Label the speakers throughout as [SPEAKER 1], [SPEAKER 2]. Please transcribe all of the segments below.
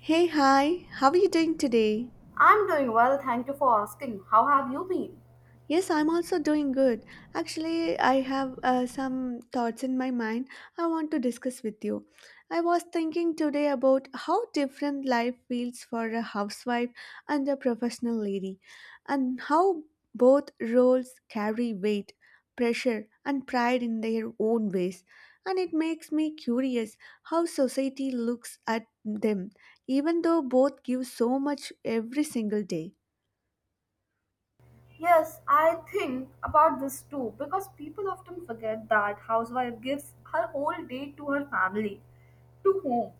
[SPEAKER 1] Hey, hi, how are you doing today?
[SPEAKER 2] I'm doing well, thank you for asking. How have you been?
[SPEAKER 1] Yes, I'm also doing good. Actually, I have some thoughts in my mind I want to discuss with you. I was thinking today about how different life feels for a housewife and a professional lady, and how both roles carry weight, pressure, and pride in their own ways. And it makes me curious how society looks at them, even though both give so much every single day.
[SPEAKER 2] Yes, I think about this too because people often forget that housewife gives her whole day to her family, to home,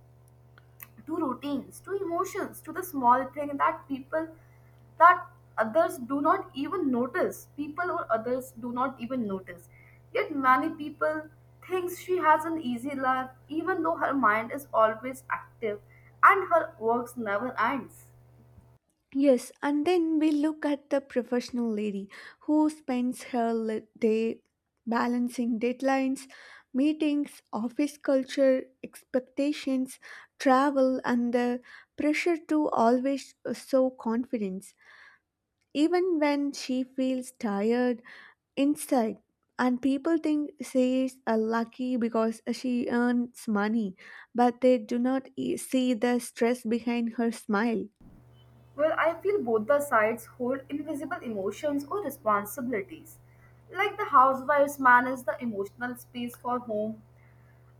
[SPEAKER 2] to routines, to emotions, to the small thing that people that others do not even notice. People or others do not even notice. Yet many people thinks she has an easy life even though her mind is always active and her works never ends.
[SPEAKER 1] Yes, and then we look at the professional lady who spends day balancing deadlines, meetings, office culture, expectations, travel, and the pressure to always show confidence, even when she feels tired inside. And people think she is lucky because she earns money, but they do not see the stress behind her smile.
[SPEAKER 2] Well, I feel both the sides hold invisible emotions or responsibilities. Like the housewives manage the emotional space for home,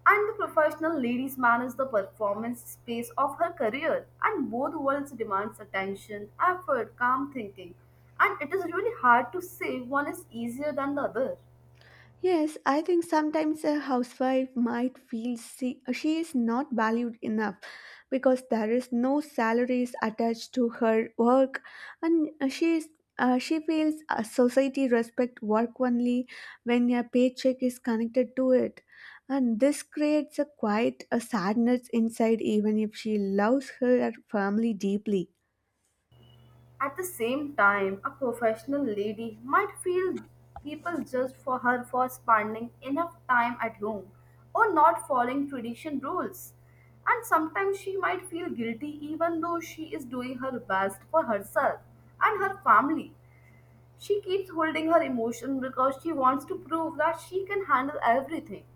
[SPEAKER 2] and the professional ladies manage the performance space of her career. And both worlds demands attention, effort, calm thinking, and it is really hard to say one is easier than the other.
[SPEAKER 1] Yes, I think sometimes a housewife might feel she is not valued enough because there is no salaries attached to her work and she feels society respect work only when a paycheck is connected to it, and this creates a quite a sadness inside even if she loves her family deeply.
[SPEAKER 2] At the same time, a professional lady might feel people judge for her for spending enough time at home or not following tradition rules. And sometimes she might feel guilty even though she is doing her best for herself and her family. She keeps holding her emotion because she wants to prove that she can handle everything.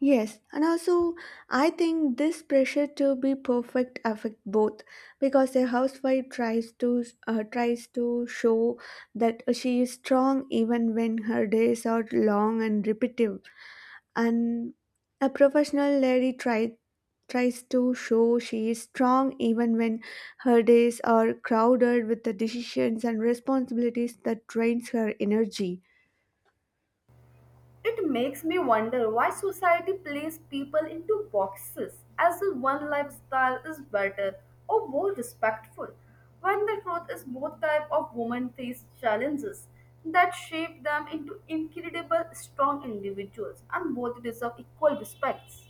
[SPEAKER 1] Yes, and also I think this pressure to be perfect affect both because a housewife tries to tries to show that she is strong even when her days are long and repetitive, and a professional lady tries to show she is strong even when her days are crowded with the decisions and responsibilities that drains her energy.
[SPEAKER 2] It makes me wonder why society places people into boxes as if one lifestyle is better or more respectful, when the truth is both type of women face challenges that shape them into incredible strong individuals and both deserve equal respects.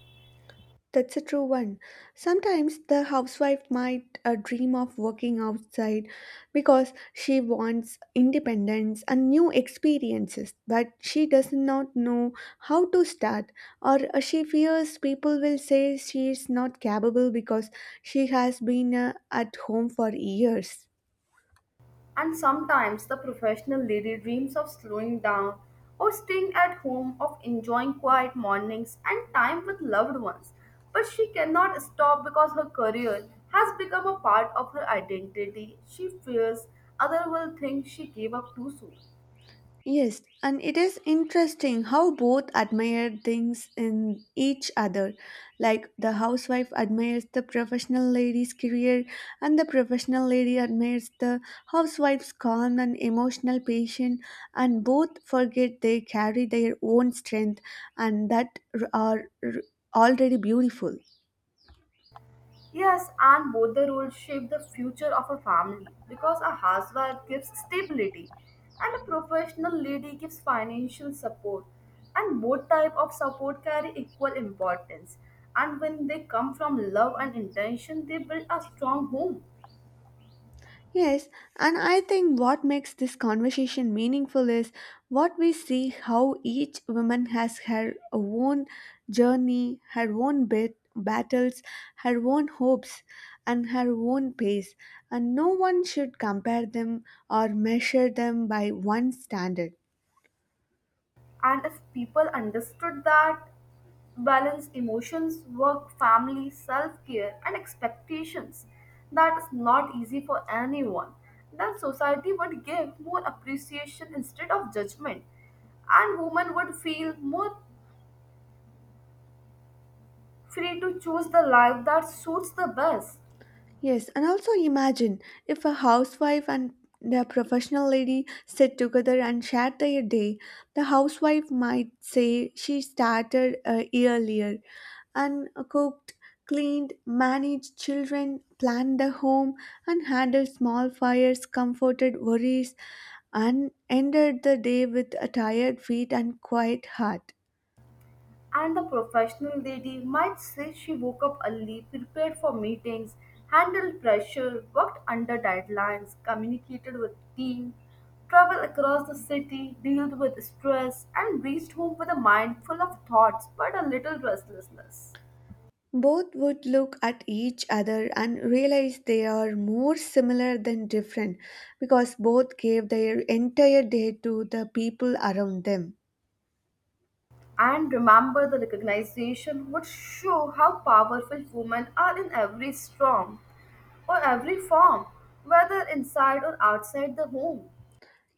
[SPEAKER 1] That's a true one. Sometimes the housewife might dream of working outside because she wants independence and new experiences, but she does not know how to start, or she fears people will say she is not capable because she has been at home for years.
[SPEAKER 2] And sometimes the professional lady dreams of slowing down or staying at home, of enjoying quiet mornings and time with loved ones. But she cannot stop because her career has become a part of her identity. She fears others will think she gave up too soon.
[SPEAKER 1] Yes, and it is interesting how both admire things in each other. Like the housewife admires the professional lady's career, and the professional lady admires the housewife's calm and emotional patience, and both forget they carry their own strength and that r- are r- already beautiful.
[SPEAKER 2] Yes, and both the roles shape the future of a family because a housewife gives stability and a professional lady gives financial support and both type of support carry equal importance and when they come from love and intention they build a strong home.
[SPEAKER 1] Yes, and I think what makes this conversation meaningful is what we see how each woman has her own journey, her own battles, her own hopes, and her own pace, and no one should compare them or measure them by one standard.
[SPEAKER 2] And if people understood that, balance emotions, work, family, self care, and expectations, that is not easy for anyone, then society would give more appreciation instead of judgment, and women would feel more free to choose the life that suits the best.
[SPEAKER 1] Yes, and also imagine if a housewife and a professional lady sit together and share their day. The housewife might say she started earlier and cooked, cleaned, managed children, planned the home, and handled small fires, comforted worries, and ended the day with a tired feet and quiet heart.
[SPEAKER 2] And the professional lady might say she woke up early, prepared for meetings, handled pressure, worked under deadlines, communicated with team, traveled across the city, dealt with stress, and reached home with a mind full of thoughts but a little restlessness.
[SPEAKER 1] Both would look at each other and realize they are more similar than different because both gave their entire day to the people around them.
[SPEAKER 2] And remember, the recognition would show how powerful women are in every storm or every form, whether inside or outside the home.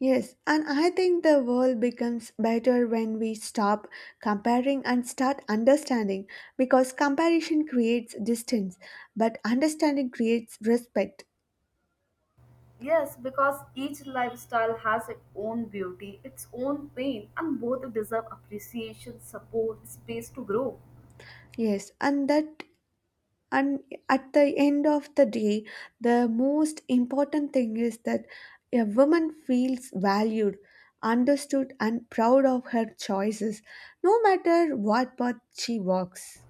[SPEAKER 1] Yes, and I think the world becomes better when we stop comparing and start understanding, because comparison creates distance, but understanding creates respect.
[SPEAKER 2] Yes, because each lifestyle has its own beauty, its own pain, and both deserve appreciation, support, space to grow.
[SPEAKER 1] Yes, and at the end of the day, the most important thing is that a woman feels valued, understood, and proud of her choices, no matter what path she walks.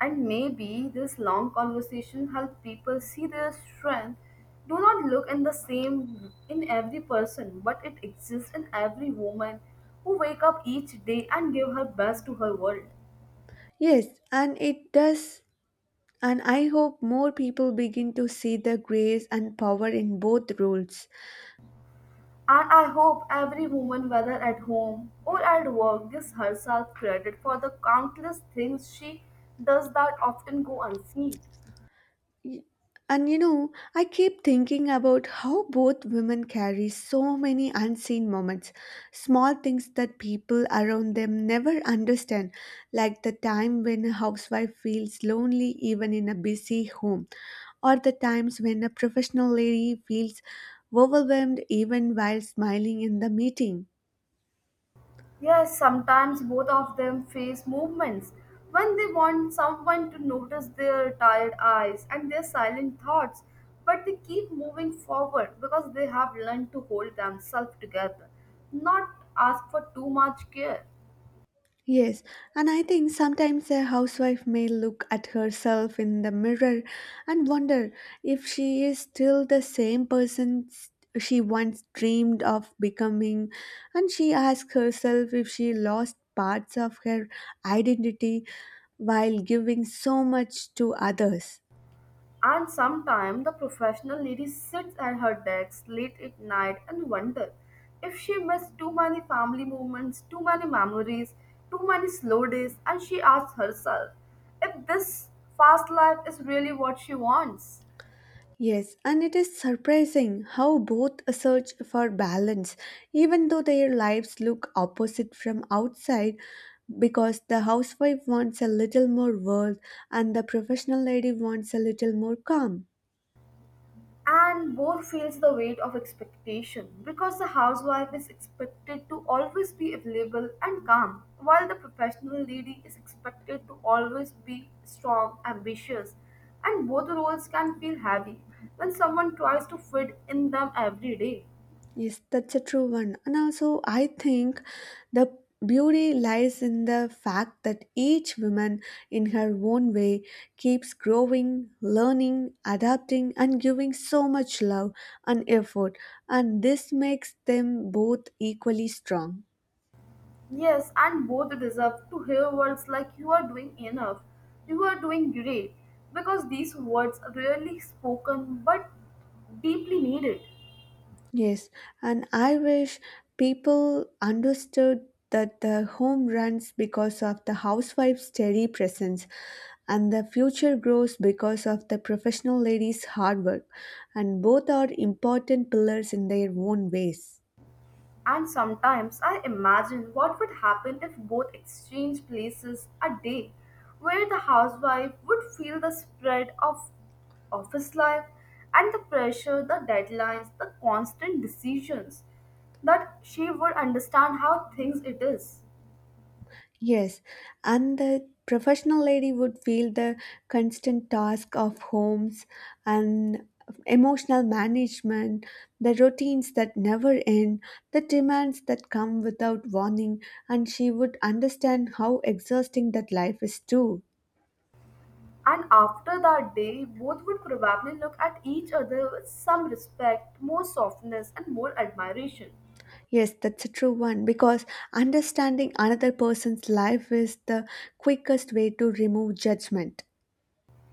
[SPEAKER 2] And maybe this long conversation help people see their strength. Do not look in the same in every person, but it exists in every woman who wake up each day and give her best to her world.
[SPEAKER 1] Yes, and it does, and I hope more people begin to see the grace and power in both roles.
[SPEAKER 2] And I hope every woman, whether at home or at work, gives herself credit for the countless things she does that often go unseen.
[SPEAKER 1] Y- And you know, I keep thinking about how both women carry so many unseen moments, small things that people around them never understand, like the time when a housewife feels lonely even in a busy home, or the times when a professional lady feels overwhelmed even while smiling in the meeting.
[SPEAKER 2] Yes, sometimes both of them face movements when they want someone to notice their tired eyes and their silent thoughts, but they keep moving forward because they have learned to hold themselves together, not ask for too much care.
[SPEAKER 1] Yes, and I think sometimes a housewife may look at herself in the mirror and wonder if she is still the same she once dreamed of becoming, and she asks herself if she lost parts of her identity while giving so much to others.
[SPEAKER 2] And sometimes the professional lady sits at her desk late at night and wonder if she missed too many family moments, too many memories, too many slow days, and she asks herself if this fast life is really what she wants.
[SPEAKER 1] Yes, and it is surprising how both search for balance, even though their lives look opposite from outside, because the housewife wants a little more world and the professional lady wants a little more calm.
[SPEAKER 2] And both feels the weight of expectation because the housewife is expected to always be available and calm while the professional lady is expected to always be strong ambitious and both roles can feel heavy when someone tries to fit in them every day.
[SPEAKER 1] Yes, that's a true one. And also, I think the beauty lies in the fact that each woman, in her own way, keeps growing, learning, adapting, and giving so much love and effort. And this makes them both equally strong.
[SPEAKER 2] Yes, and both deserve to hear words like you are doing enough, you are doing great, because these words are rarely spoken but deeply needed.
[SPEAKER 1] Yes, and I wish people understood that the home runs because of the housewife's steady presence and the future grows because of the professional lady's hard work, and both are important pillars in their own ways.
[SPEAKER 2] And sometimes I imagine what would happen if both exchanged places a day, where the housewife would feel the spread of office life and the pressure, the deadlines, the constant decisions, that she would understand how things it is.
[SPEAKER 1] Yes, and the professional lady would feel the constant task of homes and emotional management, the routines that never end, the demands that come without warning, and she would understand how exhausting that life is too.
[SPEAKER 2] And after that day, both would probably look at each other with some respect, more softness, and more admiration.
[SPEAKER 1] Yes, that's a true one because understanding another person's life is the quickest way to remove judgment.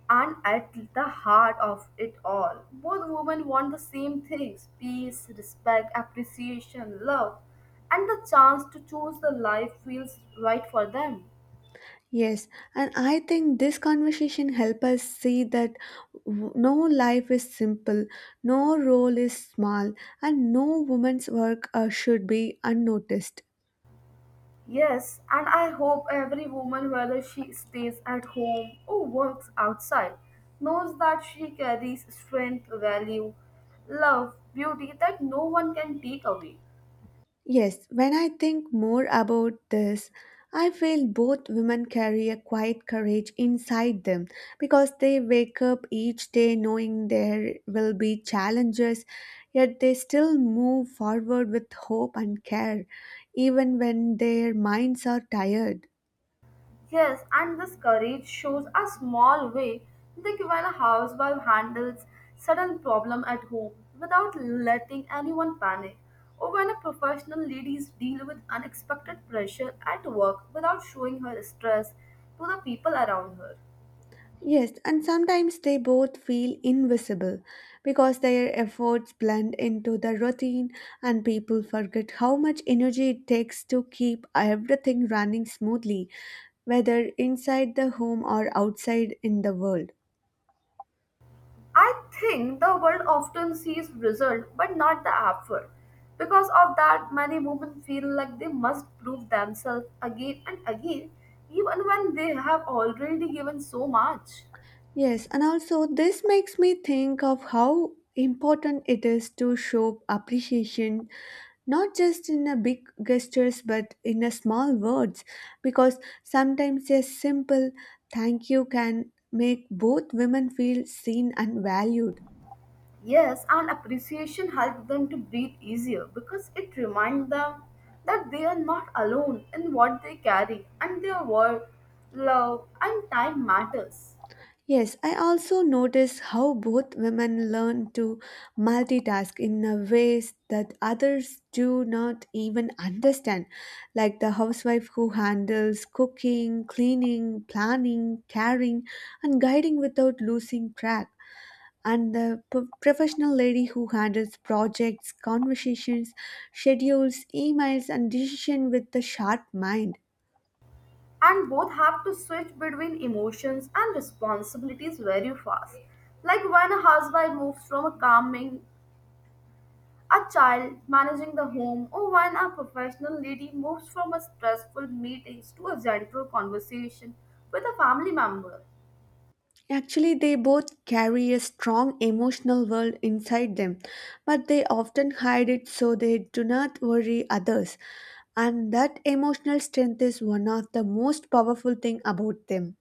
[SPEAKER 2] And at the heart of it all, both women want the same things peace, respect, appreciation, love, and the chance to choose the life feels right for them.
[SPEAKER 1] Yes, and I think this conversation help us see that no life is simple, no role is small, and no woman's work should be unnoticed.
[SPEAKER 2] Yes, and I hope every woman, whether she stays at home or works outside, knows that she carries strength, value, love, beauty that no one can take away.
[SPEAKER 1] Yes, when I think more about this, I feel both women carry a quiet courage inside them because they wake up each day knowing there will be challenges, yet they still move forward with hope and care, even when their minds are tired.
[SPEAKER 2] Yes, and this courage shows a small way. Think when a housewife handles sudden problem at home without letting anyone panic, or when a professional ladies deal with unexpected pressure at work without showing her stress to the people around her.
[SPEAKER 1] Yes, and sometimes they both feel invisible because their efforts blend into the routine and people forget how much energy it takes to keep everything running smoothly, whether inside the home or outside in the world.
[SPEAKER 2] I think the world often sees result but not the effort. Because of that, many women feel like they must prove themselves again and again, even when they have already given so much.
[SPEAKER 1] Yes, and also this makes me think of how important it is to show appreciation, not just in a big gestures but in a small words, because sometimes a simple thank you can make both women feel seen and valued.
[SPEAKER 2] Yes, and appreciation helps them to breathe easier because it reminds them that they are not alone in what they carry and their work, love, and time matters.
[SPEAKER 1] Yes, I also notice how both women learn to multitask in a ways that others do not even understand, like the housewife who handles cooking, cleaning, planning, caring, and guiding without losing track, and the professional lady who handles projects, conversations, schedules, emails, and decision with a sharp mind.
[SPEAKER 2] And both have to switch between emotions and responsibilities very fast. Like when a housewife moves from a calming, a child managing the home, or when a professional lady moves from a stressful meetings to a gentle conversation with a family member.
[SPEAKER 1] Actually, they both carry a strong emotional world inside them, but they often hide it so they do not worry others. And that emotional strength is one of the most powerful thing about them.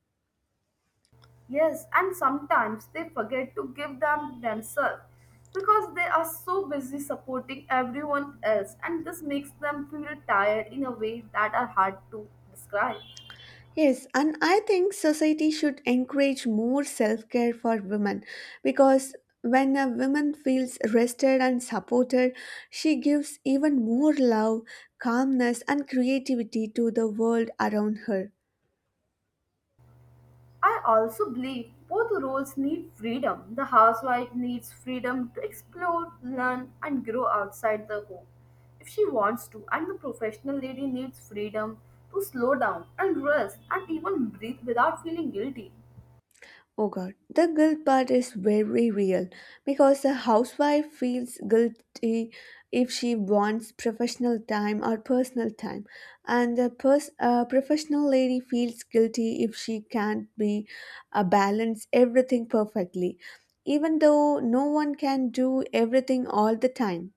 [SPEAKER 2] Yes, and sometimes they forget to give them themselves because they are so busy supporting everyone else, and this makes them feel tired in a way that are hard to describe.
[SPEAKER 1] Yes, and I think society should encourage more self-care for women because when a woman feels rested and supported, she gives even more love, calmness, and creativity to the world around her.
[SPEAKER 2] I also believe both roles need freedom. The housewife needs freedom to explore, learn, and grow outside the home if she wants to, and the professional lady needs freedom to slow down and rest and even breathe without feeling guilty.
[SPEAKER 1] Oh god, the guilt part is very real because the housewife feels guilty if she wants professional time or personal time, and the professional lady feels guilty if she can't be balance everything perfectly, even though no one can do everything all the time.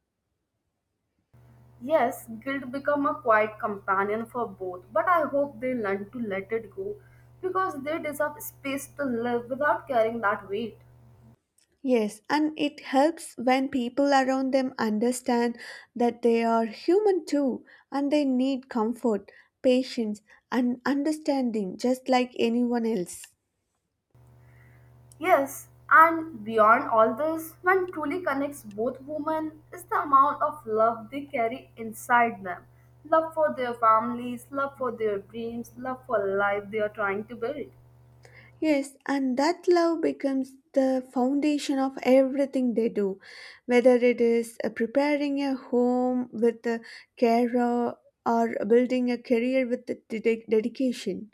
[SPEAKER 2] Yes, guilt become a quiet companion for both, but I hope they learn to let it go because they deserve space to live without carrying that weight.
[SPEAKER 1] Yes, and it helps when people around them understand that they are human too and they need comfort, patience, and understanding just like anyone else.
[SPEAKER 2] Yes, and beyond all this, what truly connects both women is the amount of love they carry inside them. Love for their families, love for their dreams, love for life they are trying to build.
[SPEAKER 1] Yes, and that love becomes the foundation of everything they do, whether it is preparing a home with a carer or building a career with the dedication.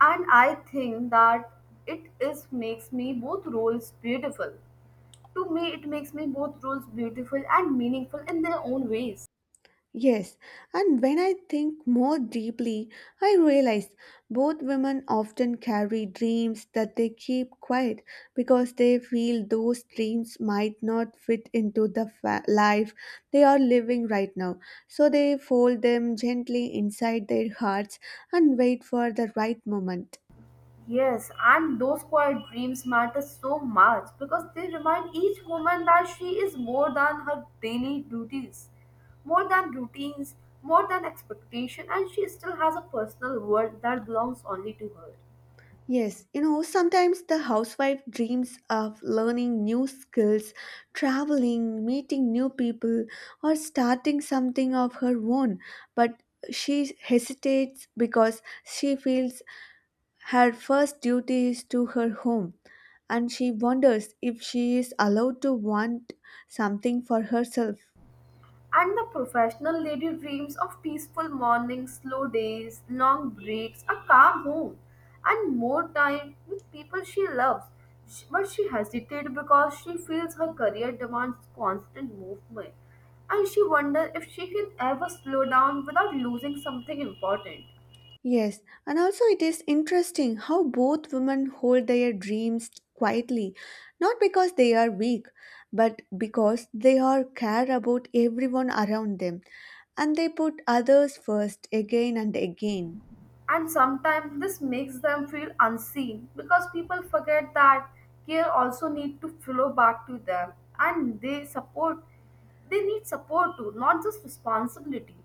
[SPEAKER 2] And I think that it is makes me both roles beautiful. To me, it makes me both roles beautiful and meaningful in their own ways.
[SPEAKER 1] Yes, and when I think more deeply, I realize both women often carry dreams that they keep quiet because they feel those dreams might not fit into the life they are living right now. So they fold them gently inside their hearts and wait for the right moment.
[SPEAKER 2] Yes, and those quiet dreams matter so much because they remind each woman that she is more than her daily duties, more than routines, more than expectation, and she still has a personal world that belongs only to her.
[SPEAKER 1] Yes, you know, sometimes the housewife dreams of learning new skills, traveling, meeting new people, or starting something of her own, but she hesitates because she feels her first duty is to her home and she wonders if she is allowed to want something for herself.
[SPEAKER 2] And the professional lady dreams of peaceful mornings, slow days, long breaks, a calm home, and more time with people she loves. But she hesitates because she feels her career demands constant movement, and she wonders if she can ever slow down without losing something important.
[SPEAKER 1] Yes, and also it is interesting how both women hold their dreams quietly, not because they are weak, but because they are care about everyone around them and they put others first again and again.
[SPEAKER 2] And sometimes this makes them feel unseen because people forget that care also need to flow back to them and they need support too, not just responsibility.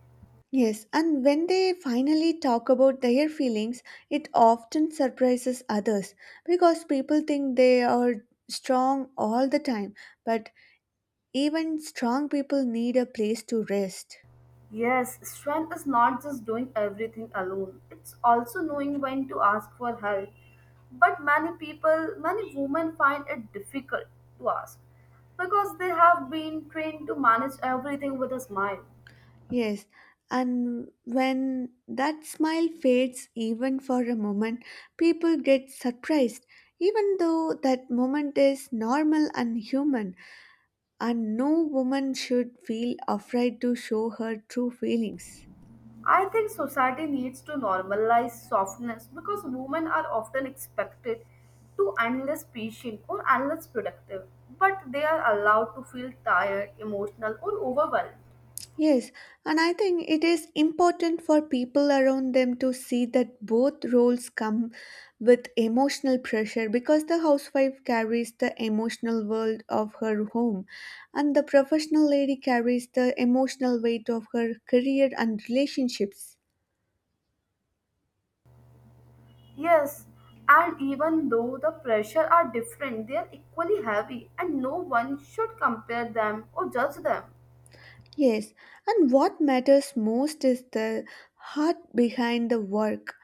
[SPEAKER 1] Yes, and when they finally talk about their feelings, it often surprises others because people think they are strong all the time, but even strong people need a place to rest.
[SPEAKER 2] Yes, strength is not just doing everything alone. It's also knowing when to ask for help. But many women find it difficult to ask because they have been trained to manage everything with a smile.
[SPEAKER 1] Yes, and when that smile fades even for a moment, people get surprised, even though that moment is normal and human, and no woman should feel afraid to show her true feelings.
[SPEAKER 2] I think society needs to normalize softness because women are often expected to endless patient or endless productive, but they are allowed to feel tired, emotional, or overwhelmed.
[SPEAKER 1] Yes, and I think it is important for people around them to see that both roles come with emotional pressure because the housewife carries the emotional world of her home and the professional lady carries the emotional weight of her career and relationships.
[SPEAKER 2] Yes, and even though the pressure are different, they are equally heavy, and no one should compare them or judge them.
[SPEAKER 1] Yes, and what matters most is the heart behind the work,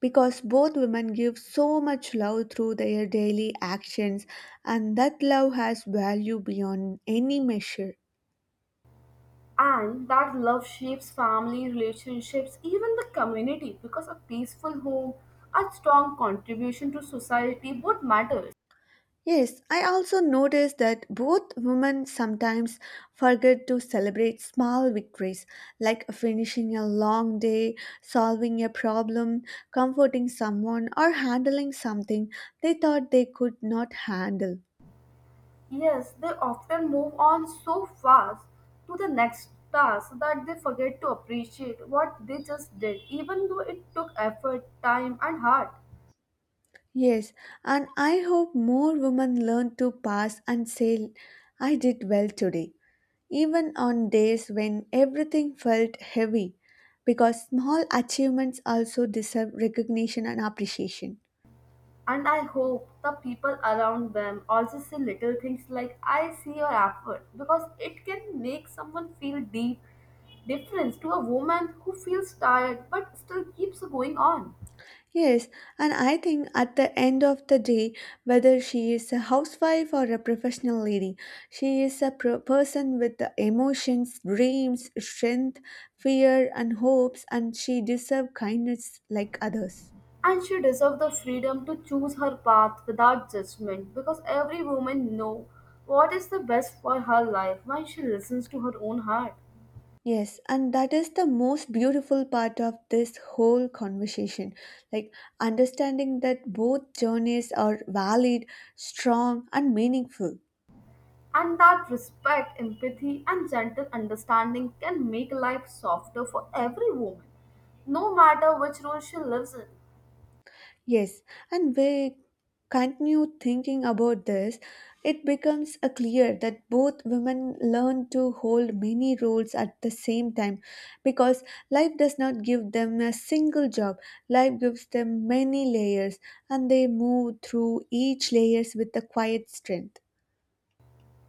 [SPEAKER 1] because both women give so much love through their daily actions and that love has value beyond any measure.
[SPEAKER 2] And that love shapes family, relationships, even the community because a peaceful home, a strong contribution to society would matter.
[SPEAKER 1] Yes, I also noticed that both women sometimes forget to celebrate small victories like finishing a long day, solving a problem, comforting someone, or handling something they thought they could not handle.
[SPEAKER 2] Yes, they often move on so fast to the next task that they forget to appreciate what they just did, even though it took effort, time, and heart.
[SPEAKER 1] Yes, and I hope more women learn to pass and say, I did well today, even on days when everything felt heavy, because small achievements also deserve recognition and appreciation.
[SPEAKER 2] And I hope the people around them also say little things like, I see your effort, because it can make someone feel deep difference to a woman who feels tired but still keeps going on.
[SPEAKER 1] Yes, and I think at the end of the day, whether she is a housewife or a professional lady, she is a person with the emotions, dreams, strength, fear, and hopes, and she deserves kindness like others.
[SPEAKER 2] And she deserves the freedom to choose her path without judgment because every woman knows what is the best for her life when she listens to her own heart.
[SPEAKER 1] Yes, and that is the most beautiful part of this whole conversation. Like understanding that both journeys are valid, strong, and meaningful.
[SPEAKER 2] And that respect, empathy, and gentle understanding can make life softer for every woman, no matter which role she lives in.
[SPEAKER 1] Yes, and we continue thinking about this, it becomes a clear that both women learn to hold many roles at the same time because life does not give them a single job. Life gives them many layers and they move through each layers with a quiet strength.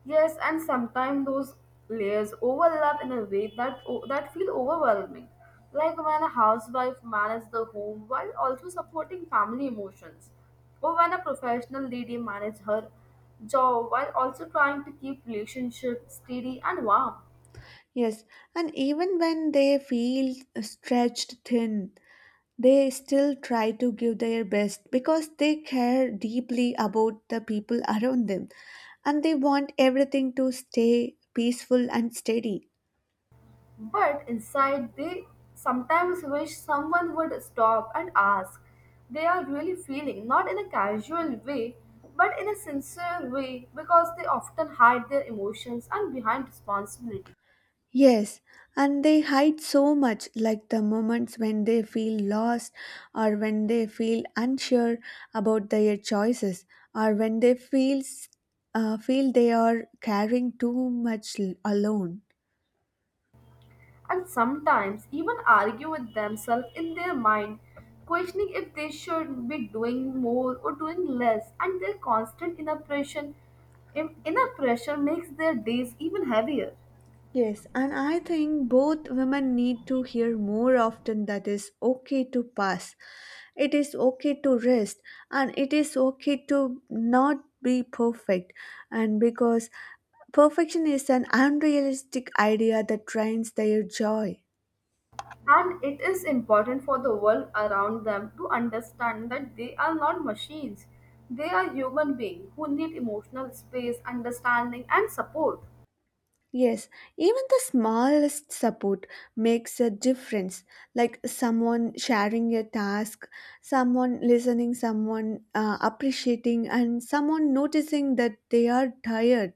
[SPEAKER 2] Yes, and sometimes those layers overlap in a way that that feel overwhelming, like when a housewife manages the home while also supporting family emotions, or when a professional lady manages her job while also trying to keep relationship steady and warm.
[SPEAKER 1] Yes, and even when they feel stretched thin, they still try to give their best because they care deeply about the people around them and they want everything to stay peaceful and steady.
[SPEAKER 2] But inside, they sometimes wish someone would stop and ask. They are really feeling, not in a casual way, but in a sincere way, because they often hide their emotions and behind responsibility,
[SPEAKER 1] Yes, and they hide so much, like the moments when they feel lost, or when they feel unsure about their choices, or when they feel they are carrying too much alone.
[SPEAKER 2] and sometimes even argue with themselves in their mind, questioning if they should be doing more or doing less, and their constant inner pressure, inner pressure makes their days even heavier.
[SPEAKER 1] Yes, and I think both women need to hear more often that it's okay to pass. It is okay to rest and it is okay to not be perfect. And because perfection is an unrealistic idea that drains their joy.
[SPEAKER 2] And it is important for the world around them to understand that they are not machines. They are human beings who need emotional space, understanding, and support.
[SPEAKER 1] Yes, even the smallest support makes a difference. Like someone sharing a task, someone listening, someone appreciating, and someone noticing that they are tired.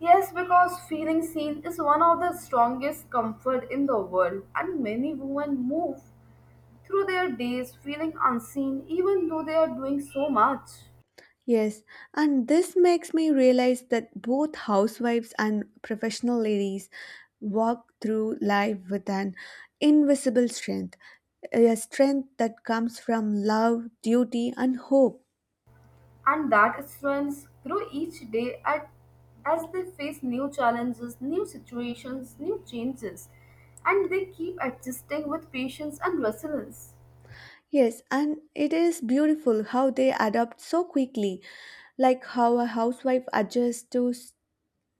[SPEAKER 2] Yes, because feeling seen is one of the strongest comfort in the world, and many women move through their days feeling unseen even though they are doing so much.
[SPEAKER 1] Yes, and this makes me realize that both housewives and professional ladies walk through life with an invisible strength, a strength that comes from love, duty, and hope.
[SPEAKER 2] And that strengths grow each day at, as they face new challenges, new situations, new changes, and they keep adjusting with patience and resilience.
[SPEAKER 1] Yes, and it is beautiful how they adapt so quickly, like how a housewife adjusts to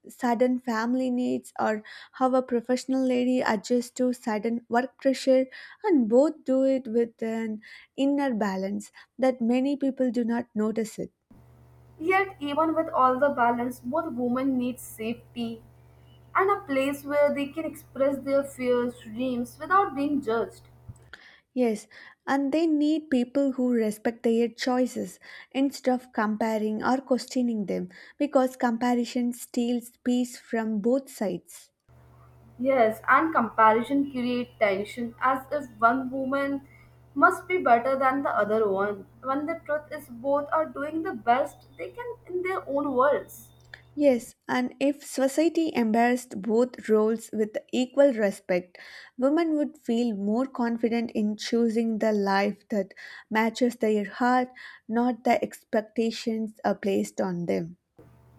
[SPEAKER 1] sudden family needs or how a professional lady adjusts to sudden work pressure, and both do it with an inner balance that many people do not notice it.
[SPEAKER 2] Yet, even with all the balance, both women need safety and a place where they can express their fears, dreams without being judged.
[SPEAKER 1] Yes, and they need people who respect their choices instead of comparing or questioning them because comparison steals peace from both sides.
[SPEAKER 2] Yes, and comparison create tension as if one woman must be better than the other one, when the truth is both are doing the best they can in their own worlds.
[SPEAKER 1] Yes, and if society embraced both roles with equal respect, women would feel more confident in choosing the life that matches their heart, not the expectations are placed on them.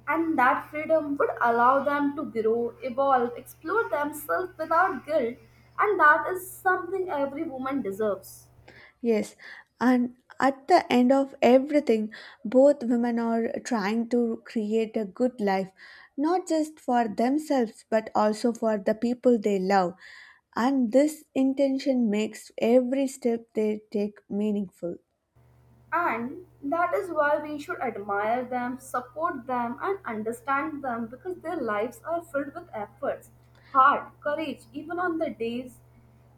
[SPEAKER 2] And that freedom would allow them to grow, evolve, explore themselves without guilt, and that is something every woman deserves.
[SPEAKER 1] Yes, and at the end of everything, both women are trying to create a good life, not just for themselves but also for the people they love. And this intention makes every step they take meaningful.
[SPEAKER 2] And that is why we should admire them, support them, and understand them because their lives are filled with efforts, heart, courage, even on the days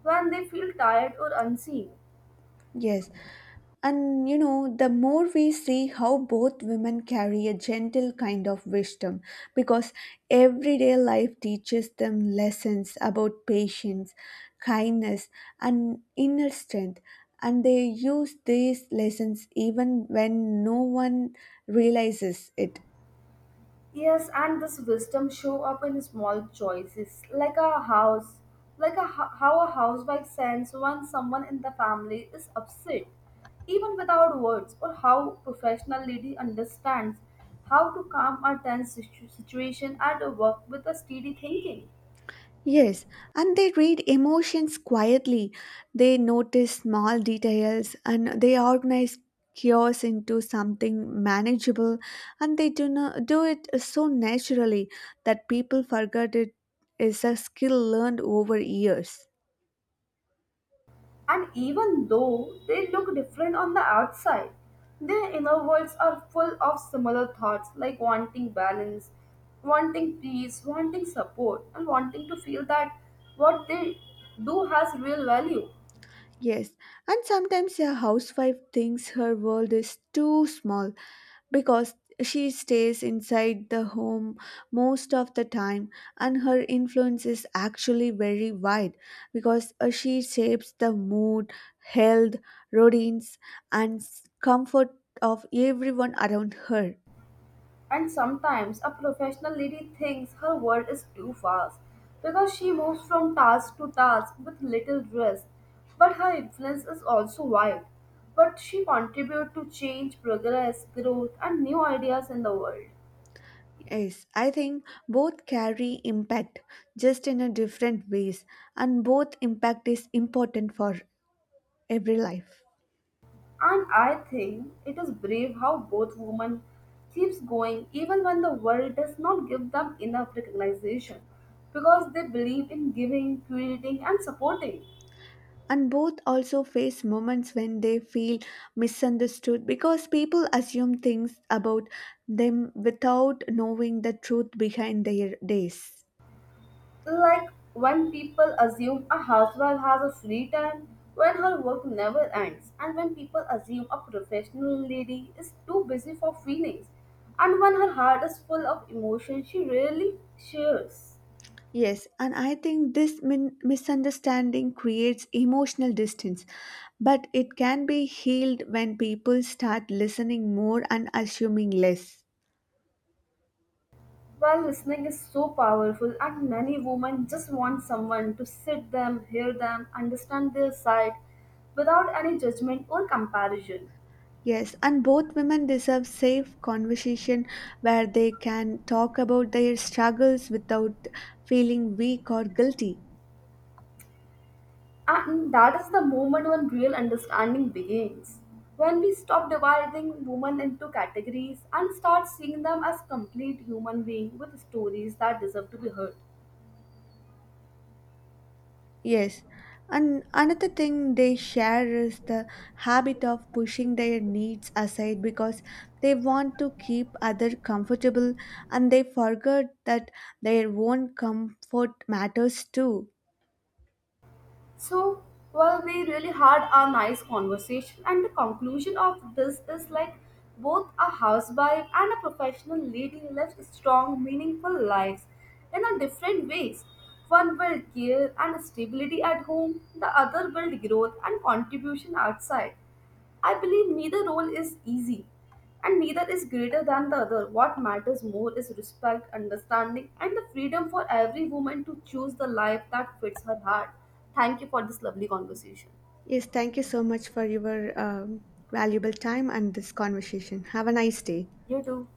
[SPEAKER 2] when they feel tired or unseen.
[SPEAKER 1] Yes, and you know, the more we see how both women carry a gentle kind of wisdom because everyday life teaches them lessons about patience, kindness, and inner strength. And they use these lessons even when no one realizes it.
[SPEAKER 2] Yes, and this wisdom show up in small choices, like a house, how a housewife sense when someone in the family is upset, even without words, or how professional lady understands how to calm a situation at work with a steady thinking.
[SPEAKER 1] Yes, and they read emotions quietly. They notice small details and they organize chaos into something manageable and they do not do it so naturally that people forget it is a skill learned over years.
[SPEAKER 2] And even though they look different on the outside, their inner worlds are full of similar thoughts like wanting balance, wanting peace, wanting support, and wanting to feel that what they do has real value.
[SPEAKER 1] Yes, and sometimes a housewife thinks her world is too small because she stays inside the home most of the time, and her influence is actually very wide because she shapes the mood, health, routines, and comfort of everyone around her.
[SPEAKER 2] And sometimes a professional lady thinks her world is too fast because she moves from task to task with little rest, but her influence is also wide. But she contributes to change, progress, growth, and new ideas in the world.
[SPEAKER 1] Yes, I think both carry impact just in a different ways, and both impact is important for every life.
[SPEAKER 2] And I think it is brave how both women keeps going even when the world does not give them enough recognition because they believe in giving, creating and supporting.
[SPEAKER 1] And both also face moments when they feel misunderstood because people assume things about them without knowing the truth behind their days.
[SPEAKER 2] Like when people assume a housewife has a free time when her work never ends and when people assume a professional lady is too busy for feelings and when her heart is full of emotion she rarely shares.
[SPEAKER 1] Yes, and I think this misunderstanding creates emotional distance, but it can be healed when people start listening more and assuming less.
[SPEAKER 2] Well, listening is so powerful, and many women just want someone to sit them, hear them, understand their side without any judgment or comparison.
[SPEAKER 1] Yes, and both women deserve safe conversation where they can talk about their struggles without feeling weak or guilty.
[SPEAKER 2] And that is the moment when real understanding begins. When we stop dividing women into categories and start seeing them as complete human beings with stories that deserve to be heard.
[SPEAKER 1] Yes, and another thing they share is the habit of pushing their needs aside because they want to keep others comfortable and they forget that their own comfort matters too.
[SPEAKER 2] So, well, we really had a nice conversation, and the conclusion of this is like both a housewife and a professional lady lives strong, meaningful lives in a different ways. One will care and stability at home, the other will growth and contribution outside. I believe neither role is easy and neither is greater than the other. What matters more is respect, understanding, and the freedom for every woman to choose the life that fits her heart. Thank you for this lovely conversation.
[SPEAKER 1] Yes, thank you so much for your valuable time and this conversation. Have a nice day.
[SPEAKER 2] You too.